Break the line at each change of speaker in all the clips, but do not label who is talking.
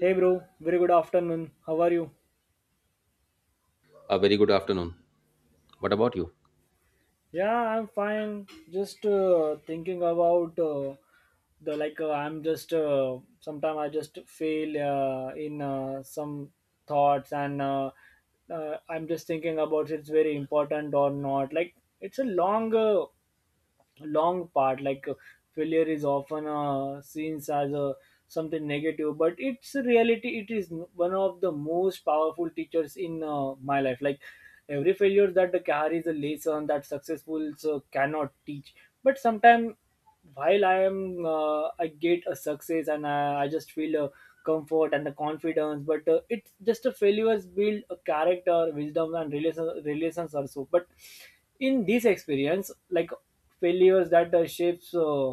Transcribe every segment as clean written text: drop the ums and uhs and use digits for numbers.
Hey bro, very good afternoon. How are you?
A very good afternoon. What about you?
Yeah, I'm fine. Just thinking about the like I'm just sometime I just fail in some thoughts and I'm just thinking about it's very important or not. Like it's a long part like failure is often seen as a something negative but it's a reality it is one of the most powerful teachers in my life, like every failure that carries a lesson that successful cannot teach. But sometimes while I am I get a success and I just feel a comfort and the confidence, but it's just a failures build a character, wisdom, and relations also. But in this experience, like failures that shapes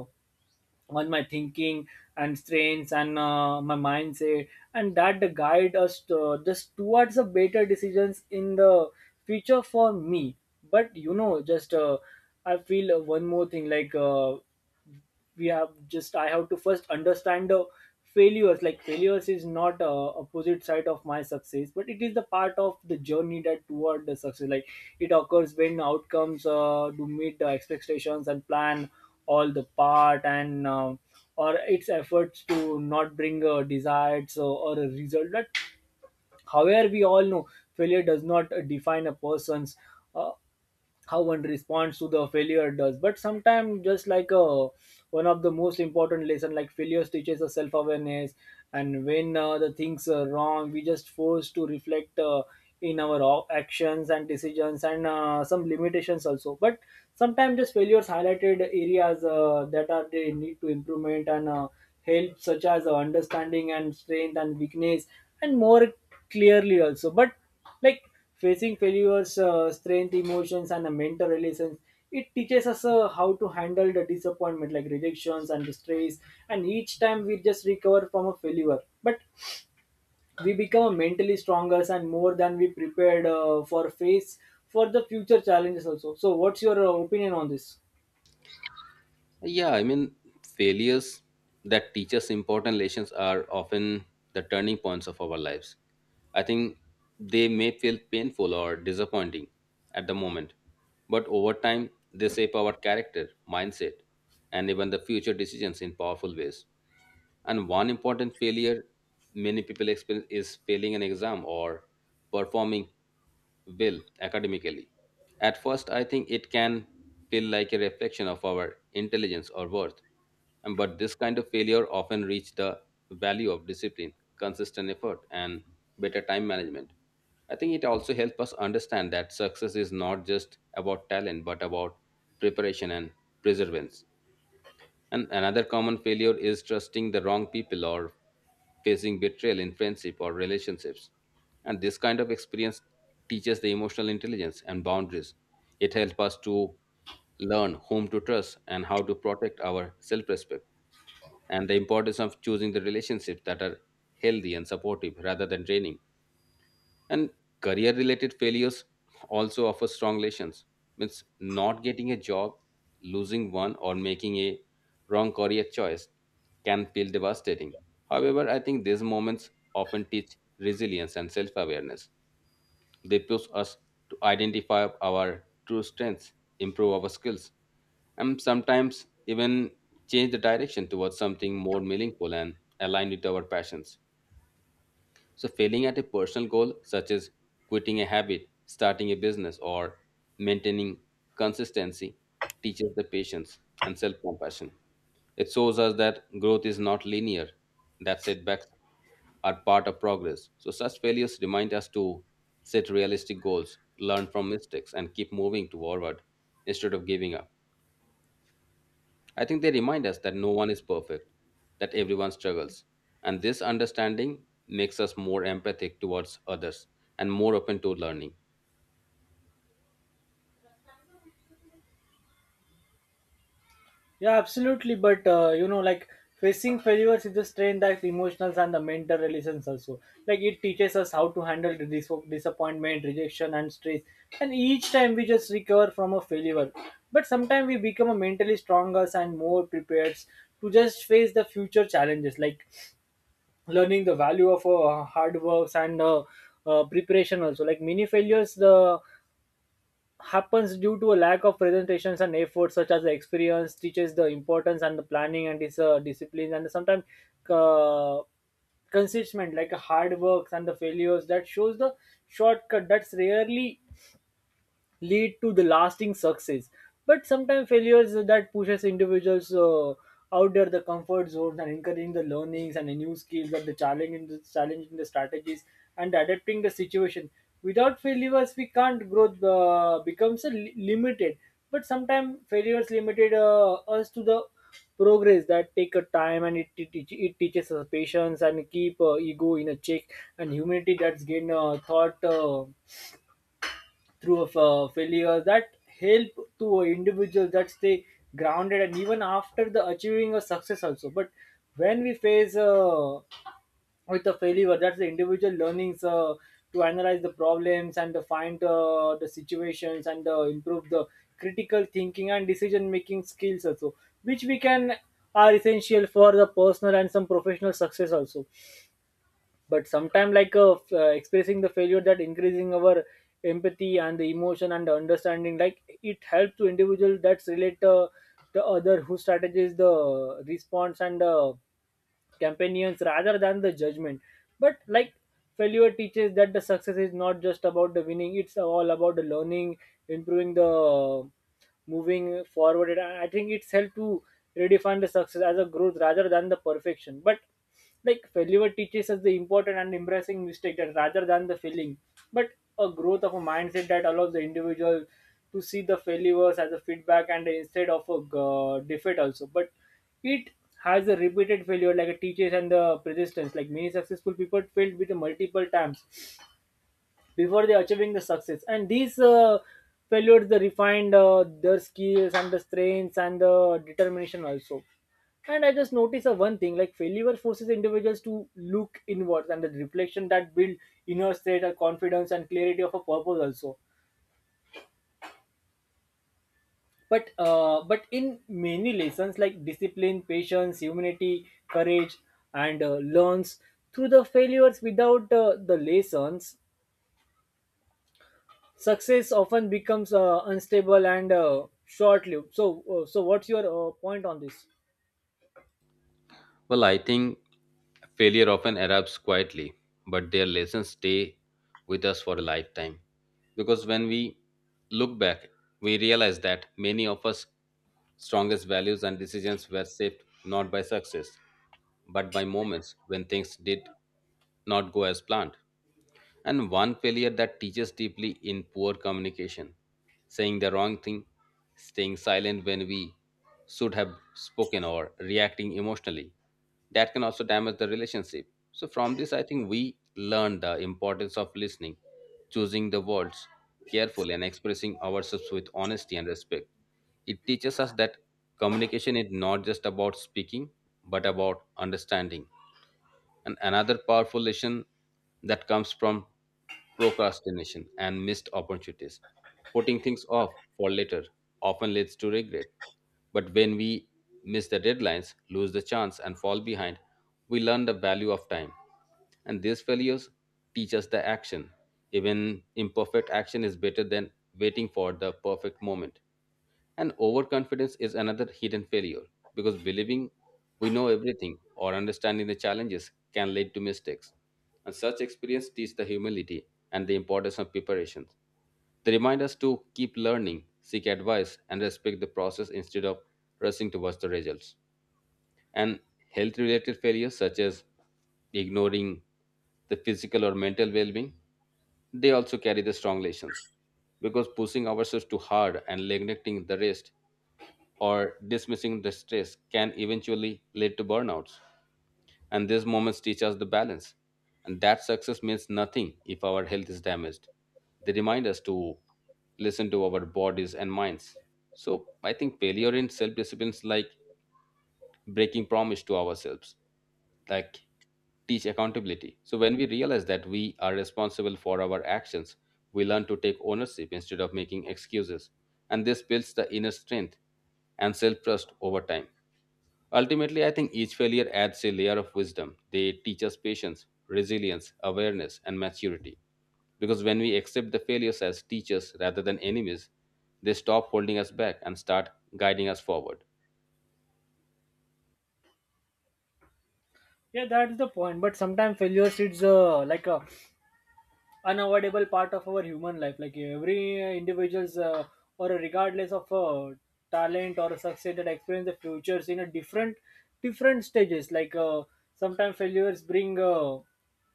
on my thinking and strengths and my mindset, and that the guide us to, just towards the better decisions in the future for me. But you know, just I feel one more thing like. We have just I have to first understand the failures. Like failures is not a opposite side of my success, but it is the part of the journey that toward the success. Like it occurs when outcomes do meet the expectations and plan all the part, and or its efforts to not bring a desired so, or a result that, however, we all know failure does not define a person's uh, how one responds to the failure does. But sometimes just like one of the most important lesson, like failure teaches us self-awareness. And when the things are wrong, we just forced to reflect in our actions and decisions and some limitations also. But sometimes just failures highlighted areas that are they need to improvement and help such as understanding and strength and weakness and more clearly also. But like facing failures strength emotions and a mental relations, it teaches us how to handle the disappointment like rejections and stress. And each time we just recover from a failure, but we become mentally stronger and more than we prepared for face for the future challenges also. So what's your opinion on this?
Yeah, failures that teach us important lessons are often the turning points of our lives. I think they may feel painful or disappointing at the moment, but over time, they shape our character, mindset, and even the future decisions in powerful ways. And one important failure many people experience is failing an exam or performing well, academically. At first, I think it can feel like a reflection of our intelligence or worth. But this kind of failure often reaches the value of discipline, consistent effort, and better time management. I think it also helps us understand that success is not just about talent, but about preparation and perseverance. And another common failure is trusting the wrong people or facing betrayal in friendship or relationships. And this kind of experience teaches the emotional intelligence and boundaries. It helps us to learn whom to trust and how to protect our self respect, and the importance of choosing the relationships that are healthy and supportive rather than draining. And career related failures also offer strong lessons, means not getting a job, losing one, or making a wrong career choice can feel devastating. However, I think these moments often teach resilience and self-awareness. They push us to identify our true strengths, improve our skills, and sometimes even change the direction towards something more meaningful and aligned with our passions. So, failing at a personal goal, such as quitting a habit, starting a business, or maintaining consistency, teaches the patience and self compassion. It shows us that growth is not linear, that setbacks are part of progress. So, such failures remind us to set realistic goals, learn from mistakes, and keep moving forward instead of giving up. I think they remind us that no one is perfect, that everyone struggles. And this understanding makes us more empathic towards others and more open to learning.
Yeah, absolutely. But you know, like facing failures is the strain that emotional and the mental relations also. Like it teaches us how to handle the disappointment, rejection, and stress. And each time we just recover from a failure, but sometimes we become a mentally stronger and more prepared to just face the future challenges. Like learning the value of hard works and preparation also. Like many failures, the happens due to a lack of presentations and effort, such as the experience teaches the importance and the planning and this discipline. And sometimes uh, consistent like hard works and the failures that shows the shortcut that's rarely lead to the lasting success. But sometimes failures that pushes individuals out there the comfort zone and encouraging the learnings and the new skills and the challenging the strategies and adapting the situation. Without failures we can't grow becomes a limited. But sometimes failures limited us to the progress that take a time, and it teaches us patience and keep ego in a check and humanity that's gain thought through of failures, that help to an individual that stay grounded and even after the achieving a success also. But when we face with a failure, that's the individual learnings to analyze the problems and to find the situations and improve the critical thinking and decision making skills also, which we can are essential for the personal and some professional success also. But sometimes like expressing the failure that increasing our empathy and the emotion and the understanding. Like it helps to individual that's relate to other who strategize the response and companions rather than the judgment. But like failure teaches that the success is not just about the winning, it's all about the learning, improving the moving forward. And I think it's helped to redefine the success as a growth rather than the perfection. But like failure teaches us the important and embracing mistake that rather than the failing, but a growth of a mindset that allows the individual to see the failures as a feedback and instead of a defeat also. But it has a repeated failure like a teaches and the persistence. Like many successful people failed with multiple times before they achieving the success. And these failures they refined their skills and the strengths and the determination also. And I just noticed one thing, like failure forces individuals to look inwards and the reflection that build inner state of confidence and clarity of a purpose also. But in many lessons like discipline, patience, humility, courage, and learns through the failures. Without the lessons, success often becomes unstable and short-lived. So, so what's your point on this?
Well, I think failure often arrives quietly, but their lessons stay with us for a lifetime. Because when we look back, we realize that many of us strongest values and decisions were shaped not by success, but by moments when things did not go as planned. And one failure that teaches deeply in poor communication, saying the wrong thing, staying silent when we should have spoken, or reacting emotionally, that can also damage the relationship. So from this, I think we learn the importance of listening, choosing the words carefully, and expressing ourselves with honesty and respect. It teaches us that communication is not just about speaking, but about understanding. And another powerful lesson that comes from procrastination and missed opportunities. Putting things off for later often leads to regret. But when we miss the deadlines, lose the chance, and fall behind, we learn the value of time. And these failures teach us the action. Even imperfect action is better than waiting for the perfect moment. And overconfidence is another hidden failure because believing we know everything or understanding the challenges can lead to mistakes. And such experience teach the humility and the importance of preparation. They remind us to keep learning, seek advice, and respect the process instead of rushing towards the results. And health related failures, such as ignoring the physical or mental well-being, they also carry the strong lessons, because pushing ourselves too hard and neglecting the rest or dismissing the stress can eventually lead to burnouts. And these moments teach us the balance, and that success means nothing if our health is damaged. They remind us to listen to our bodies and minds. So I think failure in self-disciplines, like breaking promise to ourselves, like teach accountability. So when we realize that we are responsible for our actions, we learn to take ownership instead of making excuses. And this builds the inner strength and self-trust over time. Ultimately, I think each failure adds a layer of wisdom. They teach us patience, resilience, awareness, and maturity. Because when we accept the failures as teachers rather than enemies, they stop holding us back and start guiding us forward.
Yeah, that is the point. But sometimes failures, it's like a unavoidable part of our human life. Like every individuals or regardless of talent or success that experience the futures in a different stages. Like sometimes failures bring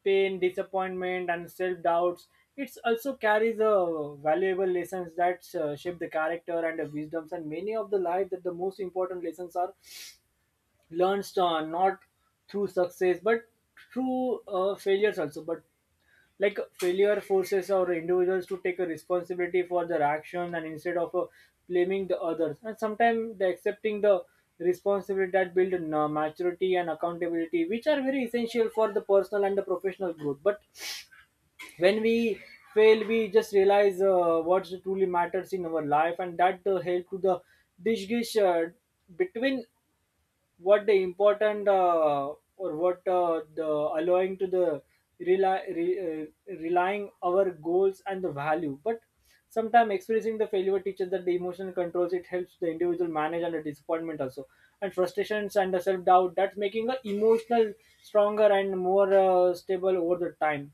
pain, disappointment, and self-doubts. It's also carries valuable lessons that shape the character and the wisdoms. And many of the life that the most important lessons are learned not through success but through failures also. But like failure forces our individuals to take a responsibility for their action and instead of blaming the others. And sometimes the accepting the responsibility that build in, maturity and accountability, which are very essential for the personal and the professional growth. But when we fail, we just realize what truly matters in our life, and that help to the distinguish between what the important or what the allowing to the relying our goals and the value. But sometimes experiencing the failure teaches that the emotional controls, it helps the individual manage under disappointment also and frustrations and the self-doubt, that's making the emotional stronger and more stable over the time.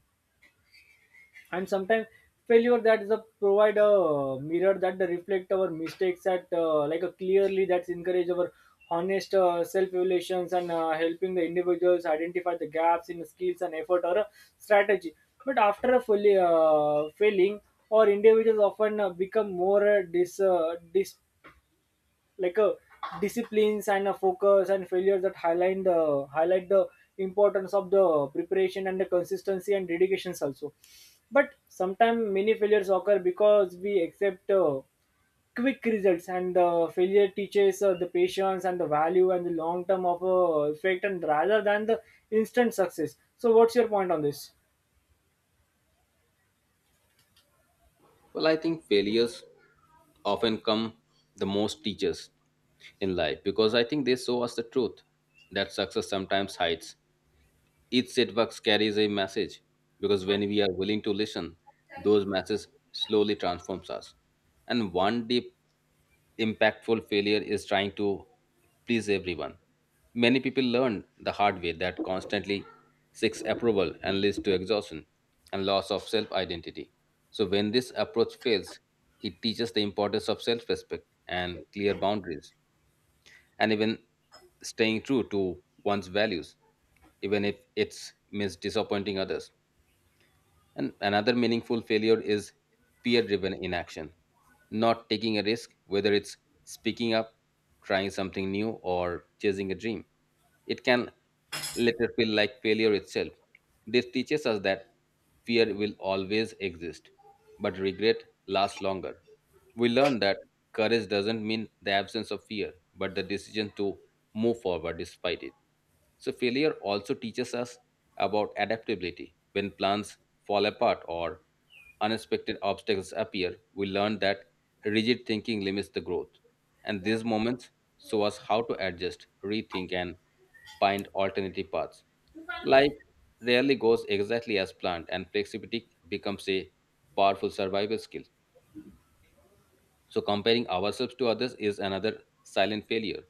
And sometimes failure that is a provide a mirror that reflect our mistakes at like a clearly, that's encourage our honest self evaluations and helping the individuals identify the gaps in skills and effort or a strategy. But after a fully failing or individuals often become more dis, dis like a disciplines and a focus. And failure that highlight the importance of the preparation and the consistency and dedications also. But sometimes many failures occur because we accept quick results and failure teaches the patience and the value and the long term of effect and rather than the instant success. So what's your point on this?
Well, I think failures often come the most teachers in life because I think they show us the truth that success sometimes hides. Each setback carries a message because when we are willing to listen, those messages slowly transforms us. And one deep impactful failure is trying to please everyone. Many people learn the hard way that constantly seeks approval and leads to exhaustion and loss of self identity. So, when this approach fails, it teaches the importance of self respect and clear boundaries, and even staying true to one's values, even if it means disappointing others. And another meaningful failure is peer driven inaction, not taking a risk, whether it's speaking up, trying something new, or chasing a dream. It can later feel like failure itself. This teaches us that fear will always exist, but regret lasts longer. We learn that courage doesn't mean the absence of fear, but the decision to move forward despite it. So, failure also teaches us about adaptability. When plans fall apart or unexpected obstacles appear, we learn that rigid thinking limits the growth. And these moments show us how to adjust, rethink, and find alternative paths. Life rarely goes exactly as planned, and flexibility becomes a powerful survival skill. So, comparing ourselves to others is another silent failure.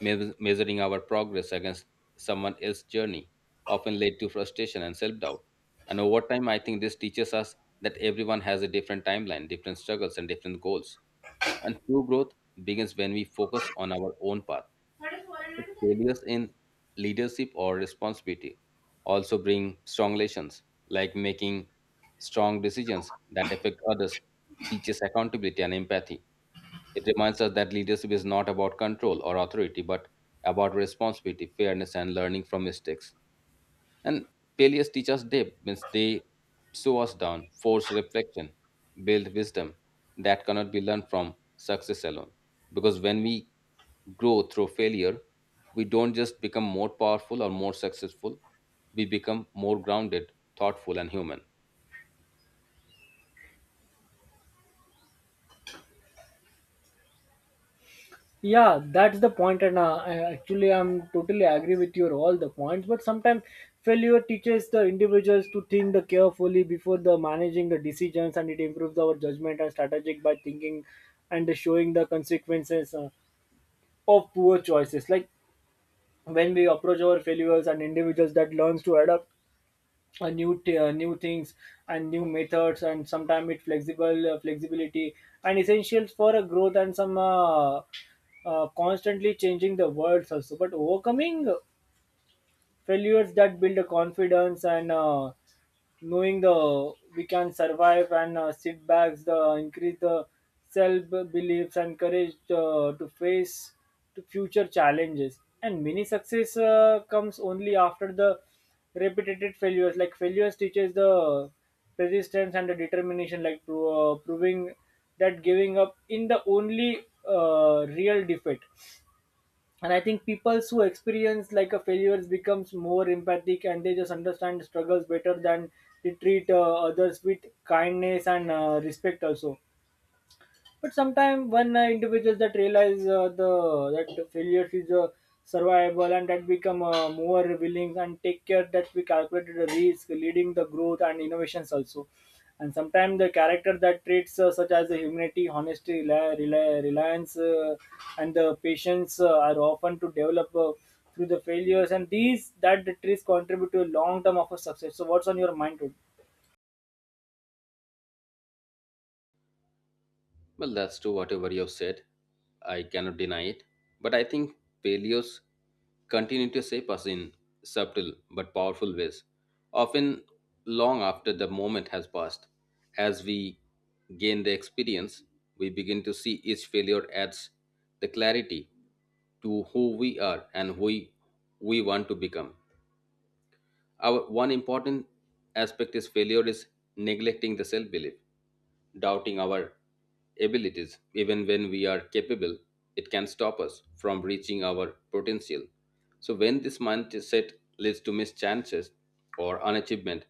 Measuring our progress against someone else's journey often led to frustration and self doubt. And over time, I think this teaches us that everyone has a different timeline, different struggles, and different goals. And true growth begins when we focus on our own path. So failures in leadership or responsibility also bring strong lessons, like making strong decisions that affect others, teaches accountability and empathy. It reminds us that leadership is not about control or authority, but about responsibility, fairness, and learning from mistakes. And failures teach us depth, means they slow us down, force reflection, build wisdom that cannot be learned from success alone. Because when we grow through failure, we don't just become more powerful or more successful, we become more grounded, thoughtful, and human.
Yeah, that's the point. And actually I'm totally agree with your all the points. But sometimes failure teaches the individuals to think the carefully before the managing the decisions, and it improves our judgment and strategic by thinking and the showing the consequences of poor choices. Like when we approach our failures and individuals that learns to adapt new t- new things and new methods. And sometimes it flexible flexibility and essentials for a growth and some constantly changing the words also. But overcoming failures that build a confidence and knowing the we can survive and sit the increase the self beliefs and courage to face to future challenges. And many success comes only after the repeated failures. Like failures teaches the persistence and the determination, like proving that giving up in the only real defeat. And I think people who experience like a failures becomes more empathic, and they just understand struggles better than they treat others with kindness and respect also. But sometimes when individuals that realize the that failure is survivable, and that become more willing and take care that we calculated the risk, leading the growth and innovations also. And sometimes the character that traits such as the humility, honesty, reliance, and the patience are often to develop through the failures. And these that the traits contribute to a long term of a success. So, what's on your mind today?
Well, that's true, whatever you have said. I cannot deny it. But I think paleos continue to shape us in subtle but powerful ways, often long after the moment has passed. As we gain the experience, we begin to see each failure adds the clarity to who we are and we want to become. Our one important aspect is failure is neglecting the self belief. Doubting our abilities, even when we are capable, it can stop us from reaching our potential. So, when this mindset leads to missed chances or unachievement,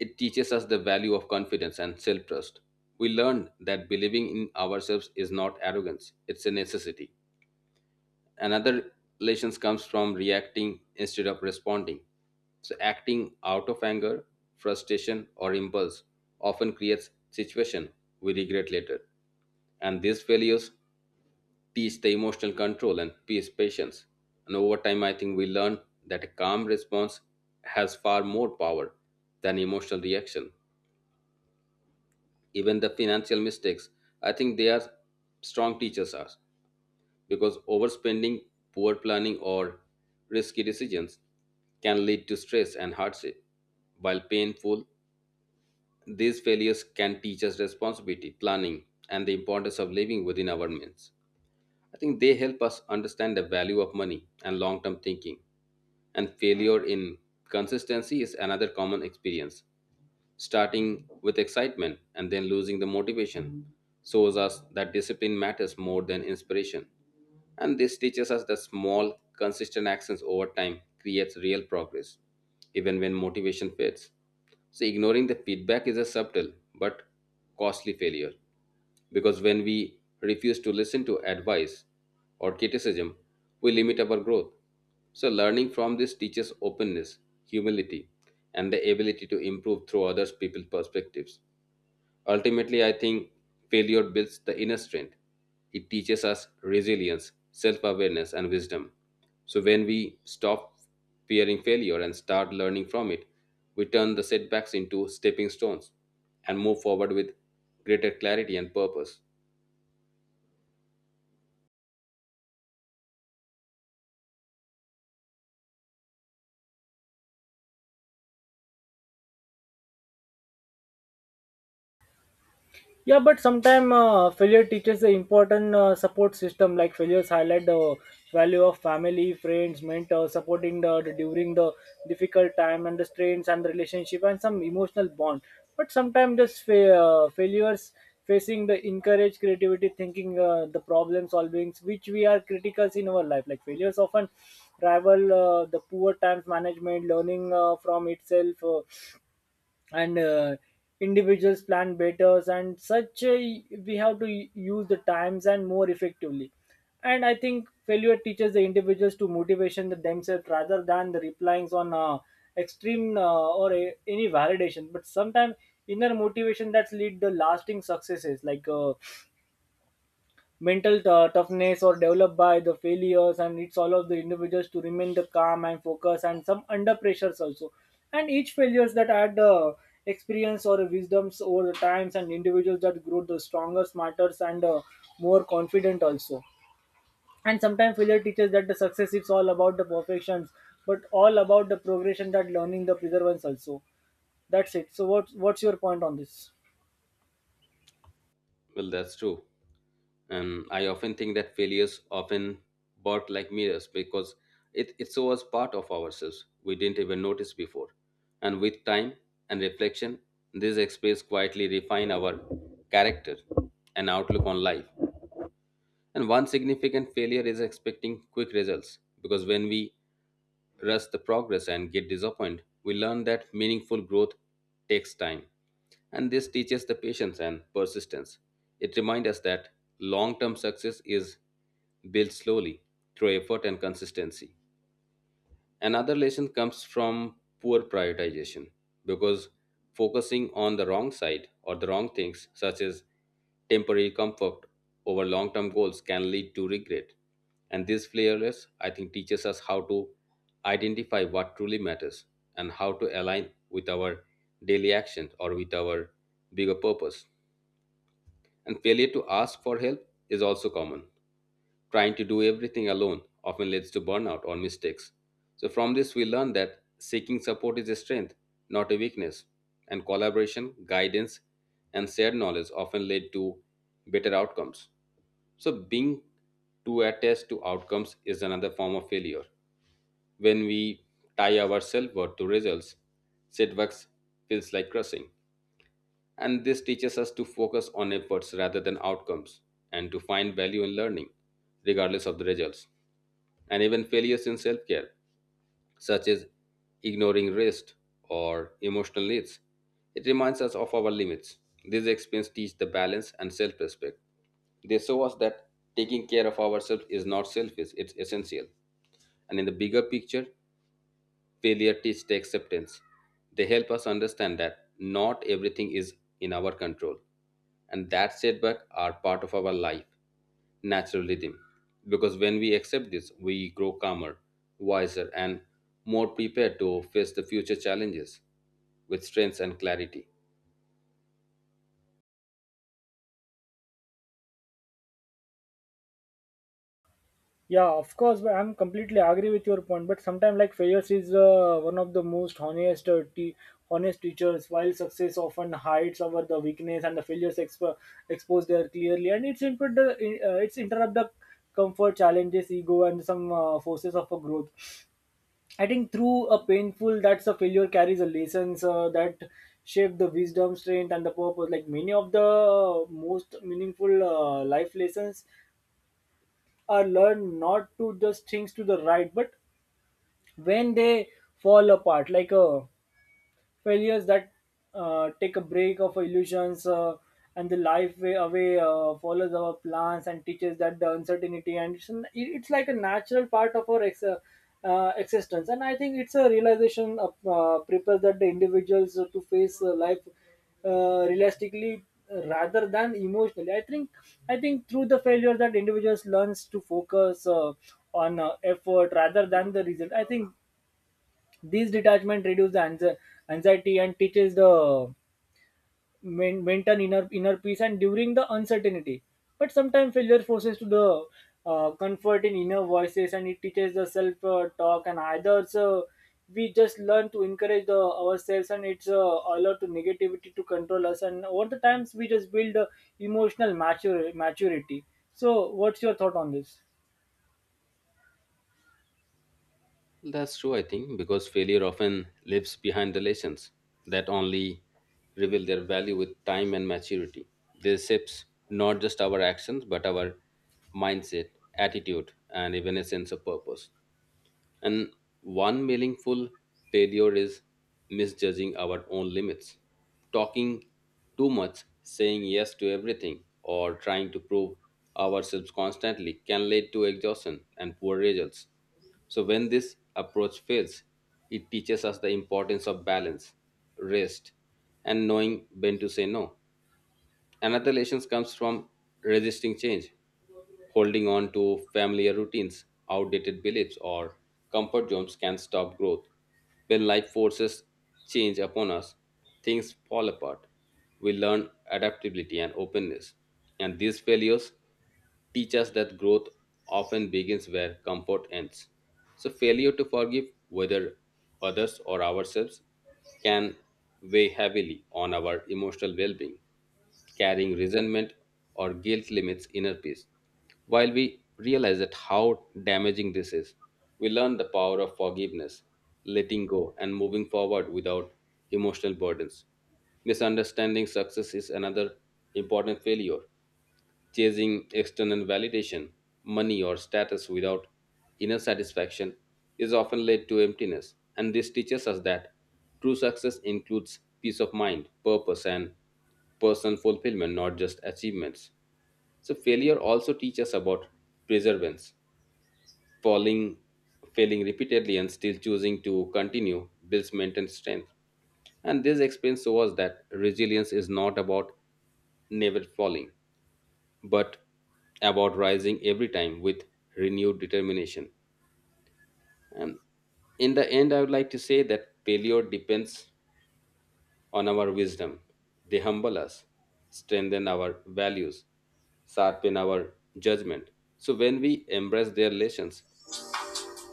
it teaches us the value of confidence and self trust. We learn that believing in ourselves is not arrogance, it's a necessity. Another relations comes from reacting instead of responding. So acting out of anger, frustration, or impulse often creates situation we regret later. And these failures teach the emotional control and peace patience. And over time, I think we learn that a calm response has far more power than emotional reaction. Even the financial mistakes, I think they are strong teachers us because overspending, poor planning, or risky decisions can lead to stress and hardship. While painful, these failures can teach us responsibility, planning, and the importance of living within our means. I think they help us understand the value of money and long term thinking. And failure in consistency is another common experience, starting with excitement and then losing the motivation, shows us that discipline matters more than inspiration. And this teaches us that small, consistent actions over time creates real progress, even when motivation fades. So ignoring the feedback is a subtle but costly failure. Because when we refuse to listen to advice or criticism, we limit our growth. So, learning from this teaches openness, humility, and the ability to improve through others' people's perspectives. Ultimately, I think failure builds the inner strength. It teaches us resilience, self awareness, and wisdom. So, when we stop fearing failure and start learning from it, we turn the setbacks into stepping stones and move forward with greater clarity and purpose.
Yeah, but sometimes failure teaches the important support system. Like failures highlight the value of family, friends, mentors, supporting the during the difficult time and the strains and the relationship and some emotional bond. But sometimes just failures facing the encourage creativity thinking, the problem solving, which we are criticals in our life. Like failures often rival the poor times management, learning from itself. And individuals plan better, and such we have to use the times and more effectively. And I think failure teaches the individuals to motivation the themselves rather than the replying on extreme or a, any validation. But sometimes inner motivation that's lead the lasting successes, like mental toughness or developed by the failures, and it's all of the individuals to remain the calm and focus and some under pressures also. And each failures that add experience or wisdoms over the times, and individuals that grow the stronger, smarter, and more confident also. And sometimes failure teaches that the success is all about the perfections but all about the progression, that learning the preservance also. That's it. So what, what's your point on this?
Well, that's true. And I often think that failures often bought like mirrors because it so part of ourselves we didn't even notice before. And with time and reflection, these experiences quietly refine our character and outlook on life. And one significant failure is expecting quick results because when we rush the progress and get disappointed, we learn that meaningful growth takes time. And this teaches the patience and persistence. It reminds us that long term success is built slowly through effort and consistency. Another lesson comes from poor prioritization because focusing on the wrong side or the wrong things, such as temporary comfort over long term goals, can lead to regret. And this fearless, I think, teaches us how to identify what truly matters and how to align with our daily actions or with our bigger purpose. And failure to ask for help is also common. Trying to do everything alone often leads to burnout or mistakes. So, from this, we learn that seeking support is a strength, not a weakness, and collaboration, guidance, and shared knowledge often lead to better outcomes. So, being too attached to outcomes is another form of failure. When we tie our self worth to results, setbacks feels like crushing, and this teaches us to focus on efforts rather than outcomes and to find value in learning regardless of the results. And even failures in self-care, such as ignoring rest or emotional needs, it reminds us of our limits. These experiences teach the balance and self-respect. They show us that taking care of ourselves is not selfish, it's essential. And in the bigger picture, failure teaches the acceptance. They help us understand that not everything is in our control, and that setbacks are part of our life, natural rhythm. Because when we accept this, we grow calmer, wiser, and more prepared to face the future challenges with strength and clarity.
Yeah, of course, but I'm completely agree with your point. But sometimes, like failures is one of the most honest teachers. While success often hides over the weakness and the failures expose there clearly, and it's interrupt the comfort, challenges, ego, and some forces of a growth. I think through a painful that's a failure carries a lessons that shape the wisdom, strength, and the purpose. Like many of the most meaningful life lessons learn not to just things to the right, but when they fall apart, like failures that take a break of illusions and the life way away follows our plans, and teaches that the uncertainty and it's like a natural part of our existence. And I think it's a realization of, prepares that the individuals to face life realistically rather than emotionally. I think through the failure that individuals learns to focus on effort rather than the result. I think these detachment reduces the anxiety and teaches the maintain inner peace and during the uncertainty. But sometimes failure forces to the comfort in inner voices, and it teaches the self talk and either so we just learn to encourage the ourselves, and it's allowed to negativity to control us, and over the times we just build emotional maturity. So what's your thought on this?
That's true, I think, because failure often lives behind the lessons that only reveal their value with time and maturity. They shapes not just our actions, but our mindset, attitude, and even a sense of purpose. And one meaningful failure is misjudging our own limits, talking too much, saying yes to everything, or trying to prove ourselves constantly can lead to exhaustion and poor results. So, when this approach fails, it teaches us the importance of balance, rest, and knowing when to say no. Another lesson comes from resisting change, holding on to familiar routines, outdated beliefs, or comfort zones can stop growth. When life forces change upon us, things fall apart. We learn adaptability and openness, and these failures teach us that growth often begins where comfort ends. So, failure to forgive, whether others or ourselves, can weigh heavily on our emotional well being. Carrying resentment or guilt limits inner peace. While we realize that how damaging this is, we learn the power of forgiveness, letting go, and moving forward without emotional burdens. Misunderstanding success is another important failure. Chasing external validation, money, or status without inner satisfaction is often led to emptiness, and this teaches us that true success includes peace of mind, purpose, and personal fulfillment, not just achievements. So, failure also teaches about perseverance. Falling, failing repeatedly, and still choosing to continue builds mental strength. And this experience shows that resilience is not about never falling, but about rising every time with renewed determination. And in the end, I would like to say that failure depends on our wisdom. They humble us, strengthen our values, sharpen our judgment. So when we embrace their lessons,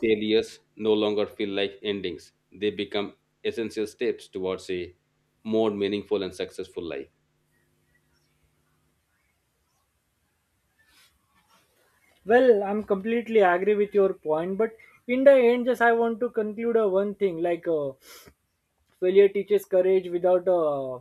failures no longer feel like endings. They become essential steps towards a more meaningful and successful life.
Well, I'm completely agree with your point, but in the end, just I want to conclude one thing like failure teaches courage without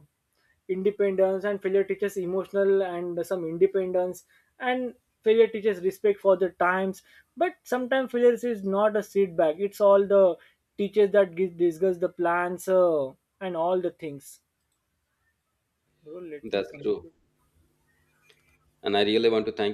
independence, and failure teaches emotional and some independence, and failure teaches respect for the times. But sometimes failure is not a setback; it's all the teachers that give, discuss the plans and all the things. Bro, let me
That's true.
conclude.
And I really want to thank you.